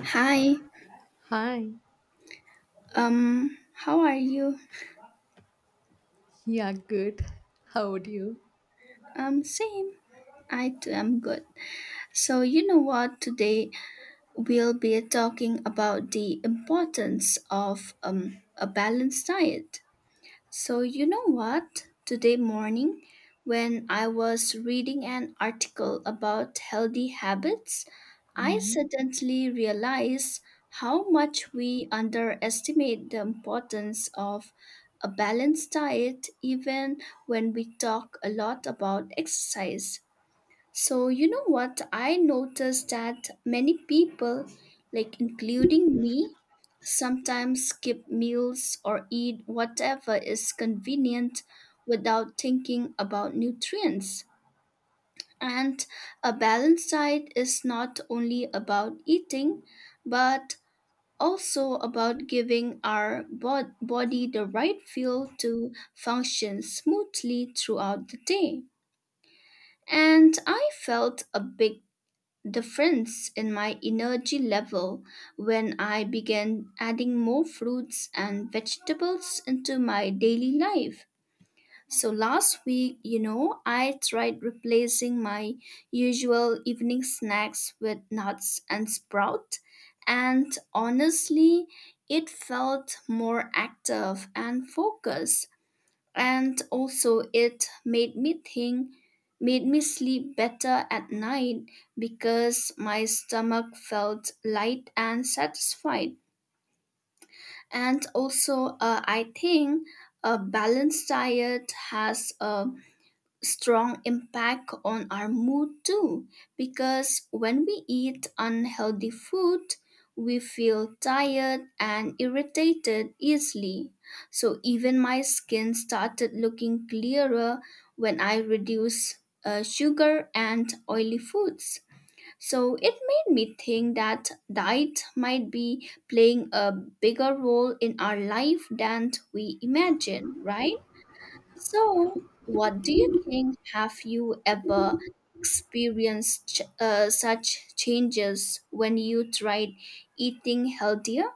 Hi. Hi. How are you? Yeah, good. How would you? Same. I too am good. So, you know what? Today we'll be talking about the importance of a balanced diet. So, you know what? Today morning, when I was reading an article about healthy habits, I Mhm. suddenly realized how much we underestimate the importance of a balanced diet, even when we talk a lot about exercise. So, you know what? I noticed that many people, like including me, sometimes skip meals or eat whatever is convenient without thinking about nutrients. And a balanced diet is not only about eating, but also about giving our body the right fuel to function smoothly throughout the day. And I felt a big difference in my energy level when I began adding more fruits and vegetables into my daily life. So last week, you know, I tried replacing my usual evening snacks with nuts and sprout, and honestly, it felt more active and focused and also it made me think made me sleep better at night because my stomach felt light and satisfied, and also I think a balanced diet has a strong impact on our mood too, because when we eat unhealthy food we feel tired and irritated easily. So even my skin started looking clearer when I reduced sugar and oily foods. So it made me think that diet might be playing a bigger role in our life than we imagine, right? So, what do you think? Have you ever experienced such changes when you tried eating healthier?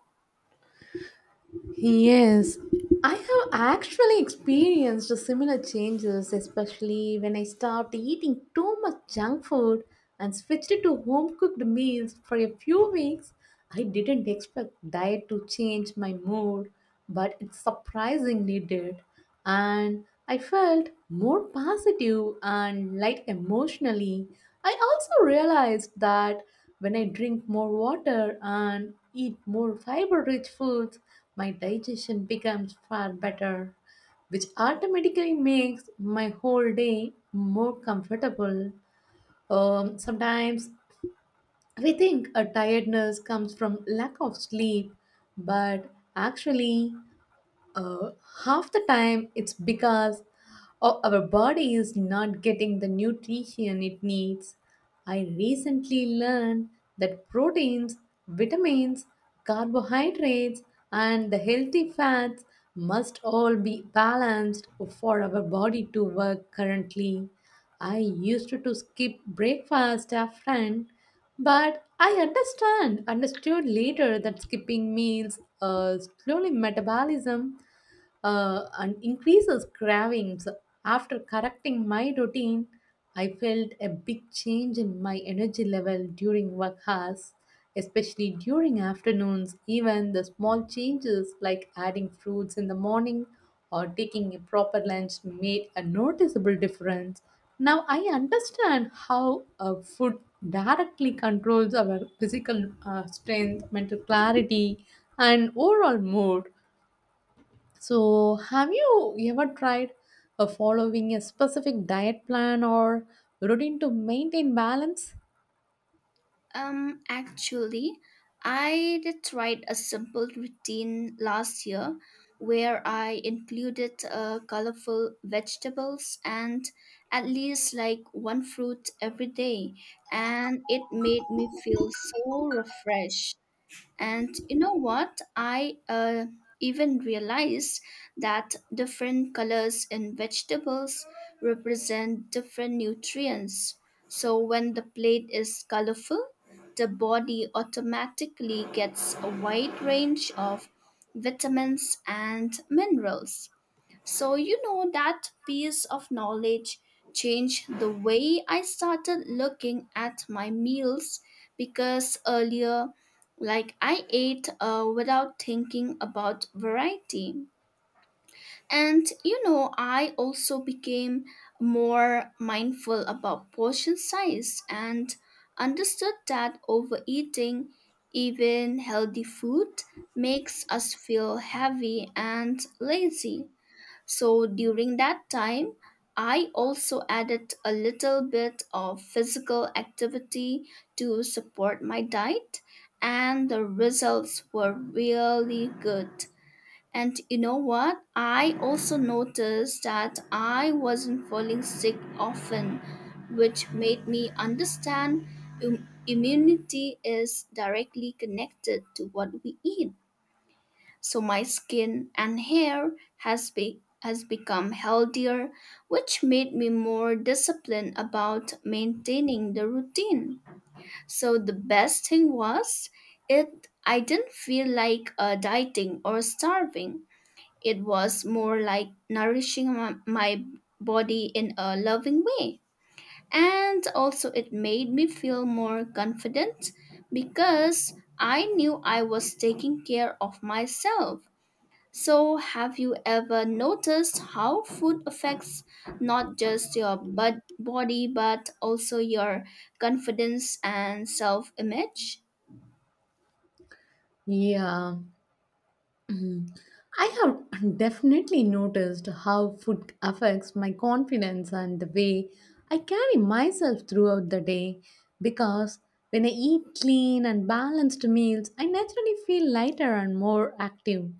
Yes, I have actually experienced similar changes, especially when I stopped eating too much junk food and switched to home cooked meals for a few weeks. I didn't expect diet to change my mood, but it surprisingly did. And I felt more positive and light emotionally. I also realized that when I drink more water and eat more fiber rich foods, my digestion becomes far better, which automatically makes my whole day more comfortable. Sometimes we think a tiredness comes from lack of sleep, but actually, uh, half the time it's because our body is not getting the nutrition it needs. I recently learned that proteins, vitamins, carbohydrates, and the healthy fats must all be balanced for our body to work currently. I used to skip breakfast often but I understood later that skipping meals slowly metabolism and increases cravings. After correcting my routine, I felt a big change in my energy level during work hours, especially during afternoons. Even the small changes like adding fruits in the morning or taking a proper lunch made a noticeable difference. Now I understand how food directly controls our physical strength, mental clarity, and overall mood. So, have you ever tried following a specific diet plan or routine to maintain balance? Actually, I did tried a simple routine last year where I included colorful vegetables and at least like one fruit every day, and it made me feel so refreshed. And you know what? I even realized that different colors in vegetables represent different nutrients. So when the plate is colorful, the body automatically gets a wide range of vitamins and minerals. So, you know, that piece of knowledge changed the way I started looking at my meals because earlier, like, I ate without thinking about variety. And, you know, I also became more mindful about portion size and understood that overeating, even healthy food, makes us feel heavy and lazy. So during that time, I also added a little bit of physical activity to support my diet, and the results were really good. And you know what? I also noticed that I wasn't falling sick often, which made me understand immunity is directly connected to what we eat. So my skin and hair has become healthier, which made me more disciplined about maintaining the routine. So the best thing was, it I didn't feel like dieting or starving. It was more like nourishing my body in a loving way, and also it made me feel more confident because I knew I was taking care of myself. So, have you ever noticed how food affects not just your body but also your confidence and self image? Yeah. Mhm. I have definitely noticed how food affects my confidence and the way I carry myself throughout the day because when I eat clean and balanced meals, I naturally feel lighter and more active.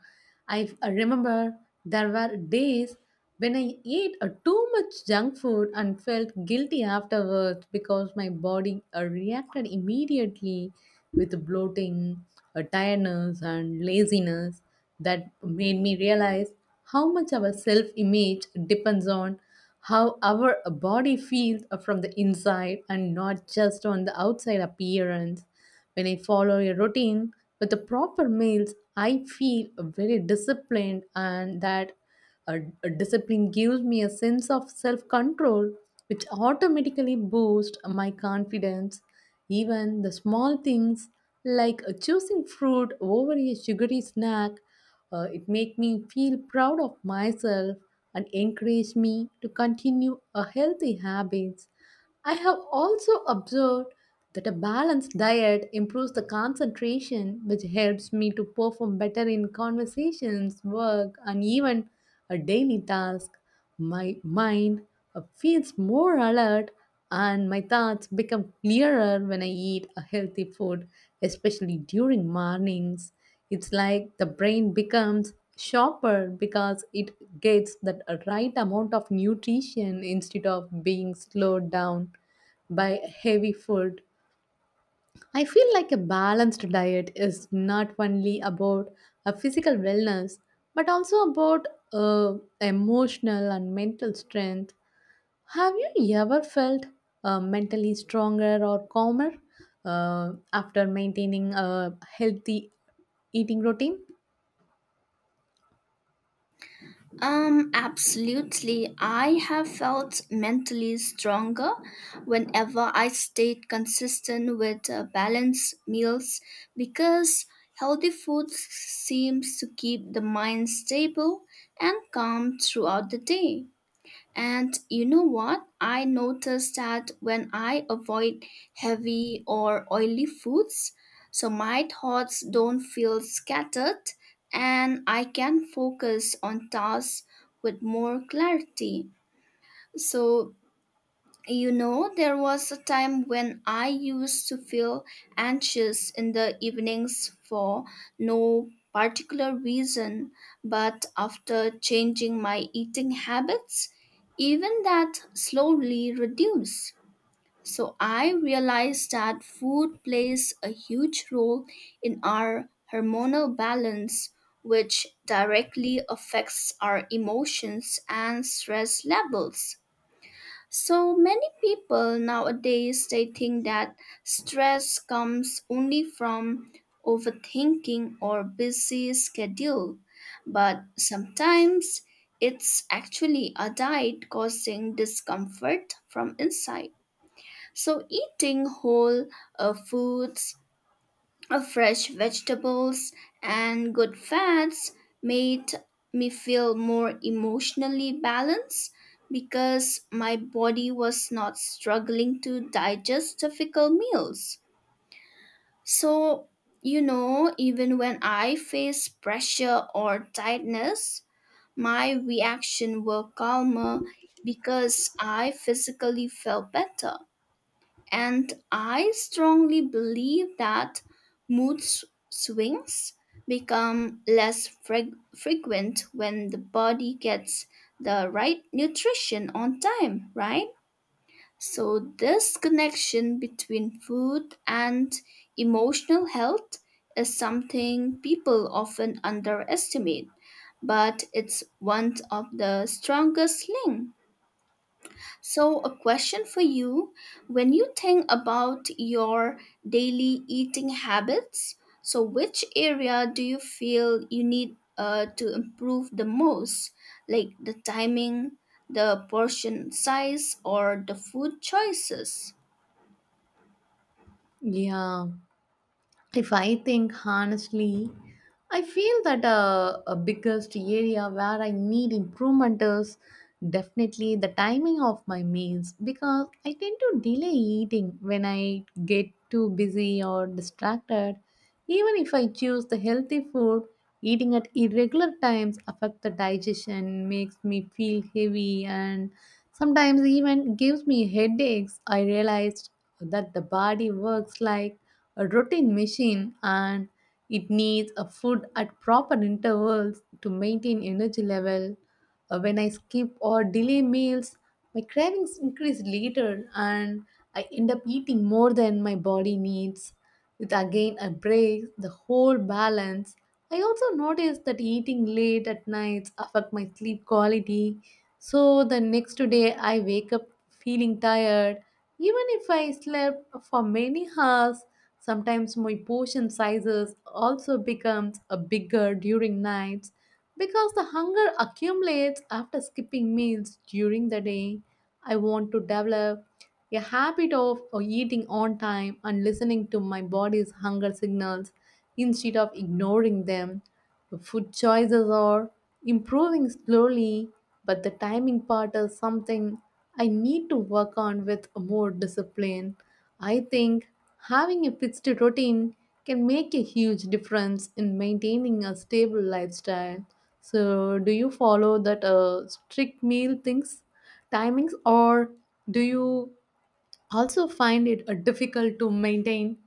I remember there were days when I ate too much junk food and felt guilty afterwards because my body reacted immediately with bloating, tiredness, and laziness. That made me realize how much our self image depends on how our body feels from the inside and not just on the outside appearance. When I follow a routine with the proper meals, I feel very disciplined, and that a discipline gives me a sense of self control, which automatically boosts my confidence. Even the small things like choosing fruit over a sugary snack, it make me feel proud of myself and encourage me to continue a healthy habits. I have also observed that a balanced diet improves the concentration, which helps me to perform better in conversations, work, and even a daily task. My mind feels more alert and my thoughts become clearer when I eat a healthy food, especially during mornings. It's like the brain becomes sharper because it gets that right amount of nutrition instead of being slowed down by heavy food. I feel like a balanced diet is not only about a physical wellness but also about uh, emotional and mental strength. Have you ever felt mentally stronger or calmer after maintaining a healthy eating routine? Absolutely. I have felt mentally stronger whenever I stayed consistent with balanced meals because healthy food seems to keep the mind stable and calm throughout the day. And you know what? I noticed that when I avoid heavy or oily foods, so my thoughts don't feel scattered and I can focus on tasks with more clarity. So you know, there was a time when I used to feel anxious in the evenings for no particular reason, but after changing my eating habits, even that slowly reduced. So I realized that food plays a huge role in our hormonal balance, which directly affects our emotions and stress levels. So many people nowadays they think that stress comes only from overthinking or busy schedule, but sometimes it's actually a diet causing discomfort from inside. So eating whole foods of fresh vegetables and good fats made me feel more emotionally balanced because my body was not struggling to digest difficult meals. So, you know, even when I face pressure or tightness, my reaction were calmer because I physically felt better. And I strongly believe that mood s- swings become less frequent when the body gets the right nutrition on time, right? So, this connection between food and emotional health is something people often underestimate, but it's one of the strongest links. So, a question for you: when you think about your daily eating habits, so which area do you feel you need to improve the most? Like the timing, the portion size, or the food choices? Yeah, if I think honestly, I feel that a biggest area where I need improvement is definitely the timing of my meals because I tend to delay eating when I get too busy or distracted. Even if I choose the healthy food, eating at irregular times affect the digestion, makes me feel heavy and sometimes even gives me headaches. I realized that the body works like a routine machine and it needs a food at proper intervals to maintain energy level. When I skip or delay meals, my cravings increase later and I end up eating more than my body needs. It again I break the whole balance. I also notice that eating late at nights affect my sleep quality. So the next day I wake up feeling tired even if I slept for many hours. Sometimes my portion sizes also becomes a bigger during nights because the hunger accumulates after skipping meals during the day. I want to develop a habit of eating on time and listening to my body's hunger signals instead of ignoring them. The food choices are improving slowly, but the timing part is something I need to work on with more discipline. I think having a fixed routine can make a huge difference in maintaining a stable lifestyle. So, do you follow that strict meal things, timings, or do you also find it difficult to maintain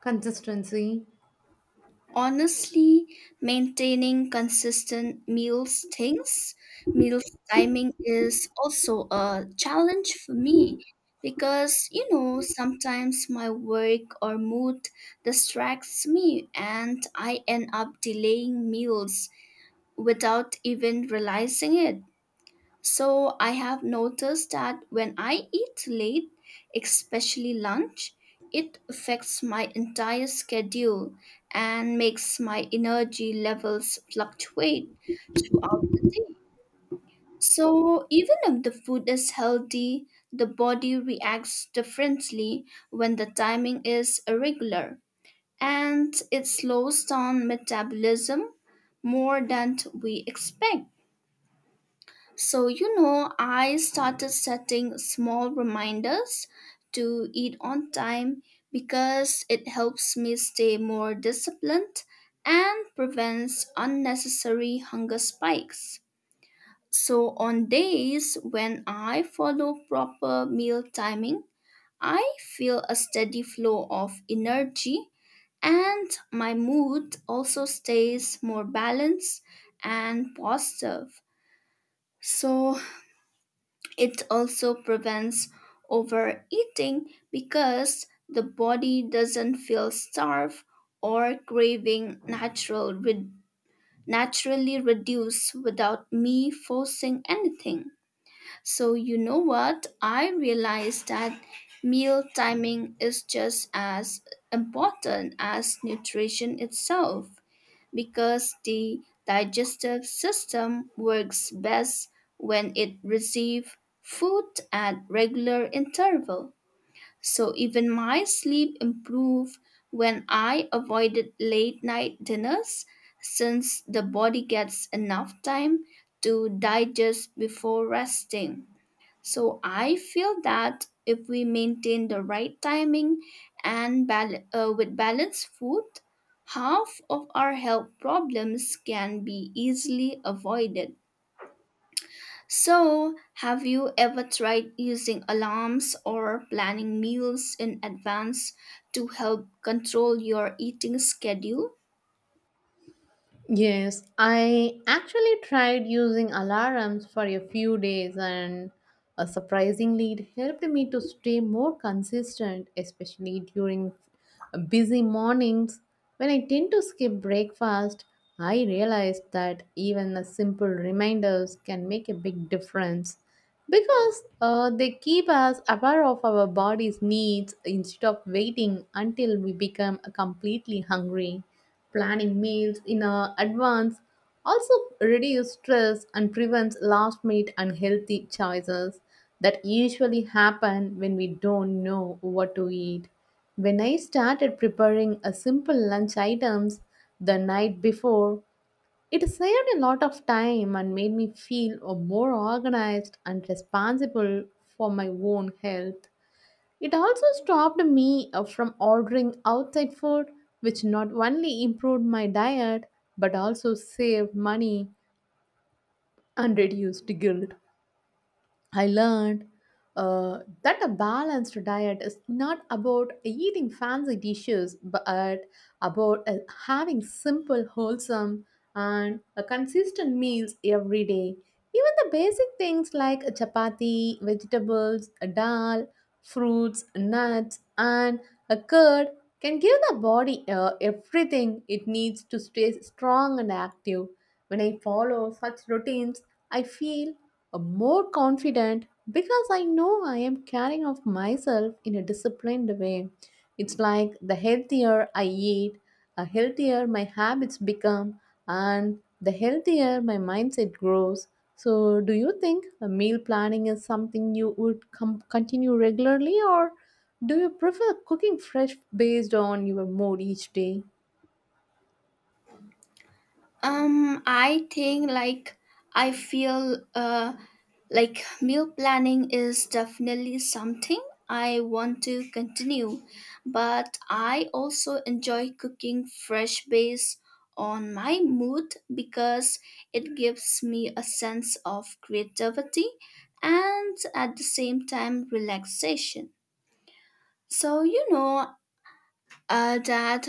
consistency? Honestly, maintaining consistent meals things, meals timing is also a challenge for me because you know sometimes my work or mood distracts me and I end up delaying meals without even realizing it. So I have noticed that when I eat late, especially lunch, it affects my entire schedule and makes my energy levels fluctuate throughout the day. So even if the food is healthy, the body reacts differently when the timing is irregular and it slows down metabolism more than we expect. So, you know, I started setting small reminders to eat on time because it helps me stay more disciplined and prevents unnecessary hunger spikes. So, on days when I follow proper meal timing, I feel a steady flow of energy and my mood also stays more balanced and positive. So, it also prevents overeating because the body doesn't feel starved or craving naturally reduce without me forcing anything. So you know what? I realized that meal timing is just as important as nutrition itself because the digestive system works best when it receives food at regular interval. So even my sleep improved when I avoided late night dinners since the body gets enough time to digest before resting. So I feel that if we maintain the right timing and with balanced food, half of our health problems can be easily avoided. So, have you ever tried using alarms or planning meals in advance to help control your eating schedule? Yes, I actually tried using alarms for a few days and surprisingly it helped me to stay more consistent, especially during busy mornings when I tend to skip breakfast. I realized that even the simple reminders can make a big difference because they keep us aware of our body's needs instead of waiting until we become completely hungry. Planning meals in advance also reduces stress and prevents last minute unhealthy choices that usually happen when we don't know what to eat. When I started preparing a simple lunch items the night before, it saved a lot of time and made me feel more organized and responsible for my own health. It also stopped me from ordering outside food, which not only improved my diet but also saved money and reduced guilt. I learned that a balanced diet is not about eating fancy dishes, but about having simple, wholesome, and consistent meals every day. Even the basic things like chapati, vegetables, dal, fruits, nuts, and a curd can give the body everything it needs to stay strong and active. When I follow such routines, I feel more confident because I know I am caring of myself in a disciplined way. It's like the healthier I eat, the healthier my habits become, and the healthier my mindset grows. So, do you think a meal planning is something you would continue regularly, or do you prefer cooking fresh based on your mood each day? I think like I feel like meal planning is definitely something I want to continue, but I also enjoy cooking fresh based on my mood because it gives me a sense of creativity and at the same time relaxation. So, you know that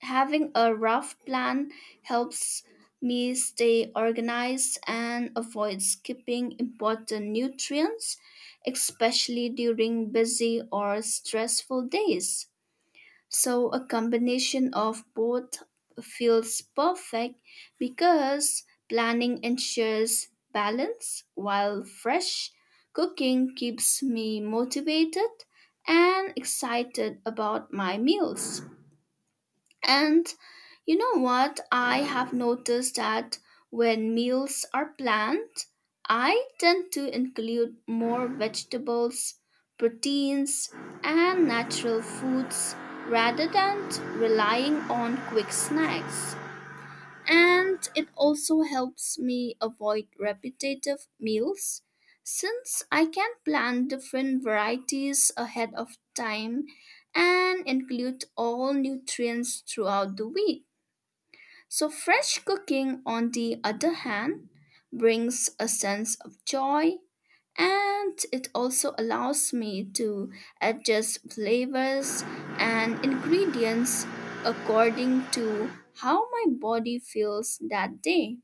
having a rough plan helps me stay organized and avoid skipping important nutrients, especially during busy or stressful days. So, a combination of both feels perfect because planning ensures balance while fresh cooking keeps me motivated and excited about my meals. And you know what? I have noticed that when meals are planned, I tend to include more vegetables, proteins, and natural foods rather than relying on quick snacks. And it also helps me avoid repetitive meals since I can plan different varieties ahead of time and include all nutrients throughout the week. So, fresh cooking, on the other hand, brings a sense of joy and it also allows me to adjust flavors and ingredients according to how my body feels that day.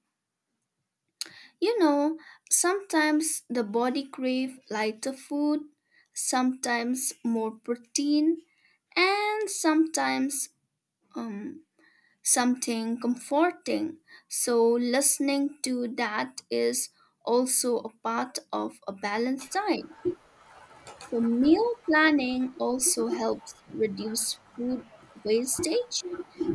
You know, sometimes the body crave lighter food, sometimes more protein, and sometimes um, something comforting. So, listening to that is also a part of a balanced diet. So, meal planning also helps reduce food wastage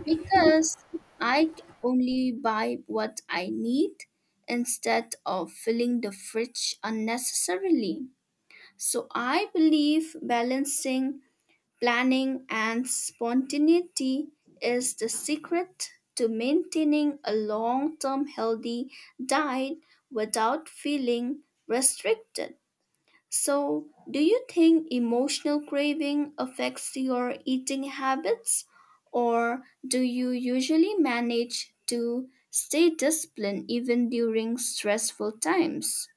because only buy what I need instead of filling the fridge unnecessarily. So, I believe balancing planning and spontaneity is the secret to maintaining a long term healthy diet without feeling restricted. So, do you think emotional craving affects your eating habits, or do you usually manage to stay disciplined even during stressful times?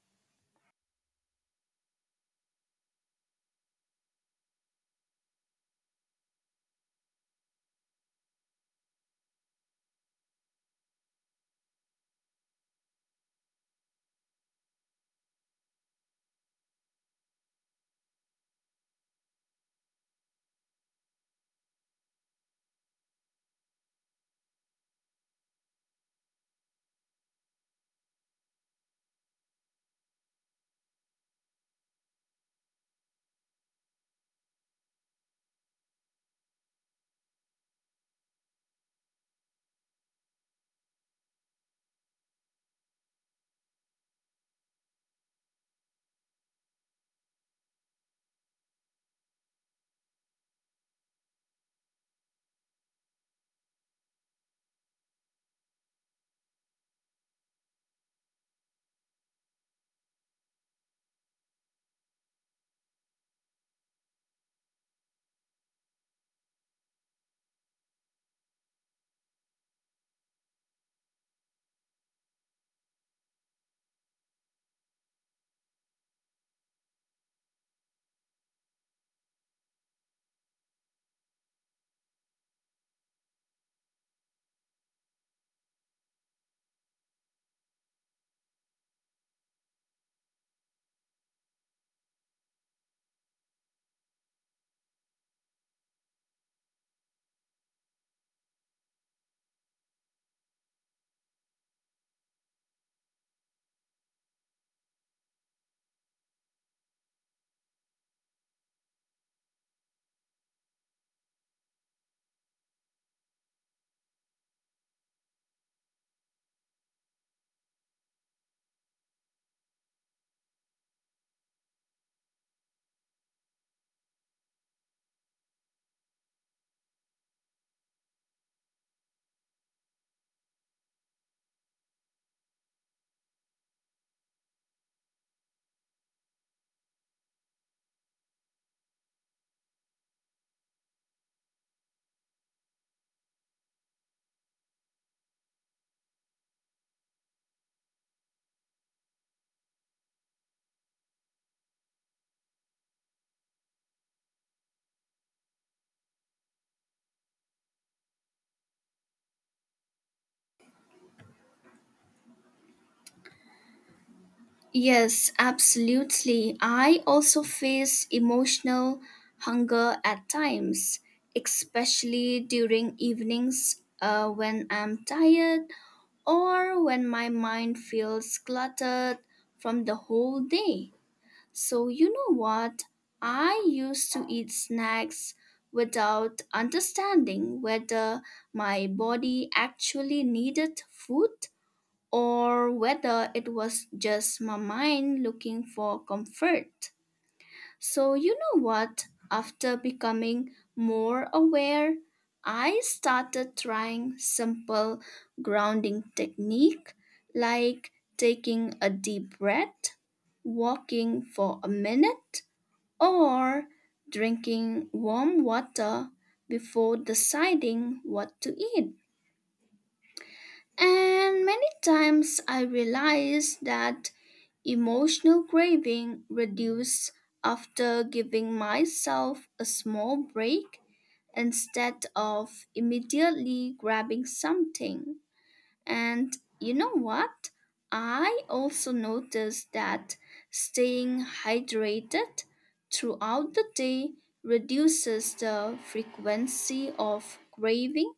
Yes, absolutely. I also face emotional hunger at times, especially during evenings when I'm tired or when my mind feels cluttered from the whole day. So, you know what? I used to eat snacks without understanding whether my body actually needed food or whether it was just my mind looking for comfort. So, you know what? After becoming more aware, I started trying simple grounding technique like taking a deep breath, walking for a minute, or drinking warm water before deciding what to eat. And many times I realized that emotional craving reduced after giving myself a small break instead of immediately grabbing something. And you know what? I also noticed that staying hydrated throughout the day reduces the frequency of craving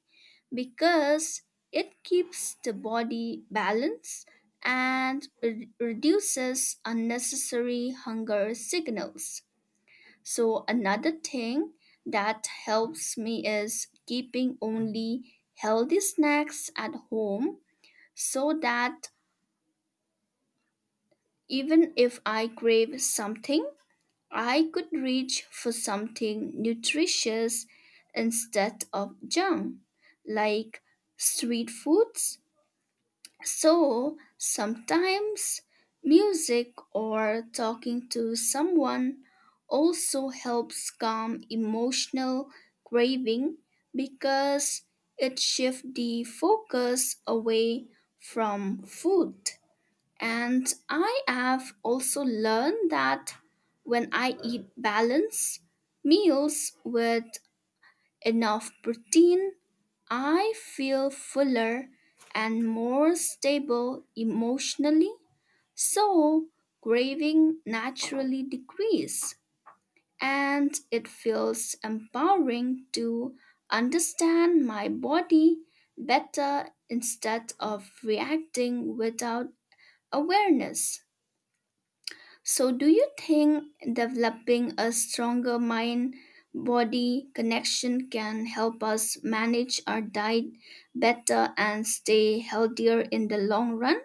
because it keeps the body balanced and reduces unnecessary hunger signals. So, another thing that helps me is keeping only healthy snacks at home so that even if I crave something, I could reach for something nutritious instead of junk like street foods. So sometimes music or talking to someone also helps calm emotional craving because it shifts the focus away from food. And I have also learned that when I eat balanced meals with enough protein I feel fuller and more stable emotionally, so craving naturally decrease and it feels empowering to understand my body better instead of reacting without awareness. So, do you think developing a stronger mind body connection can help us manage our diet better and stay healthier in the long run?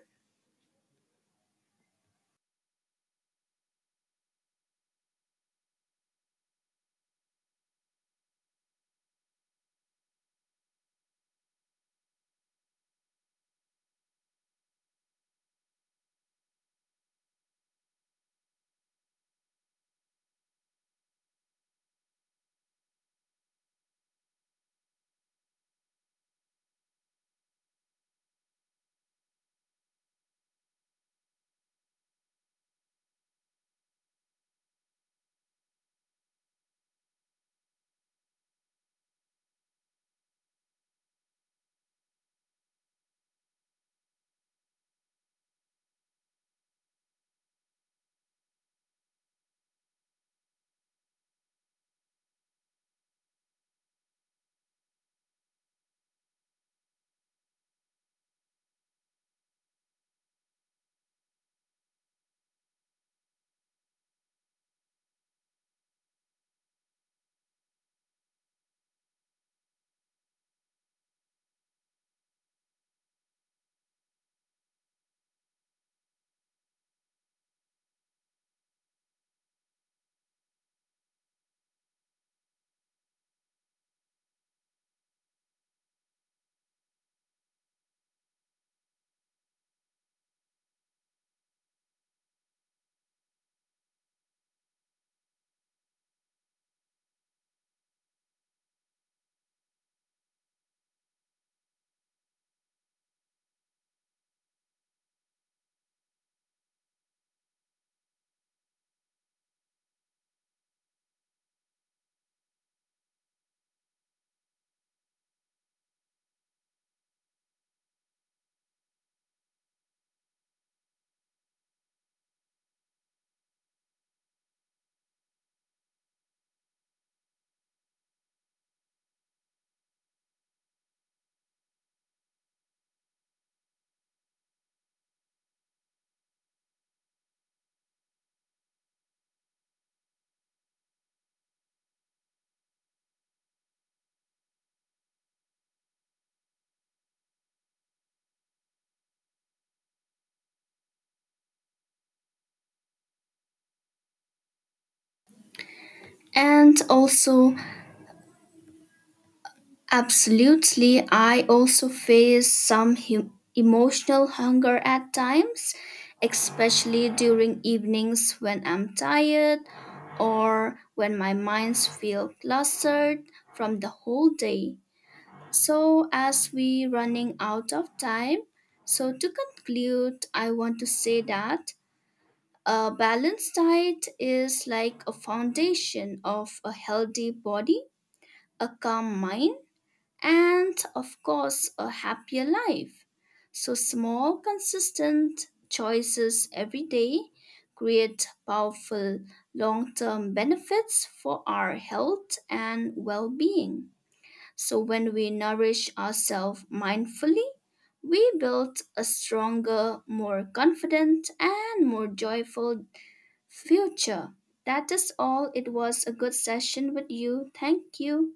And also, absolutely, I also face some emotional hunger at times, especially during evenings when I'm tired or when my minds feel clustered from the whole day. So, as we running out of time, so to conclude, I want to say that a balanced diet is like a foundation of a healthy body, a calm mind, and of course, a happier life. So, small, consistent choices every day create powerful long term benefits for our health and well being. So, when we nourish ourselves mindfully, we build a stronger, more confident, and more joyful future. That is all. It was a good session with you. Thank you.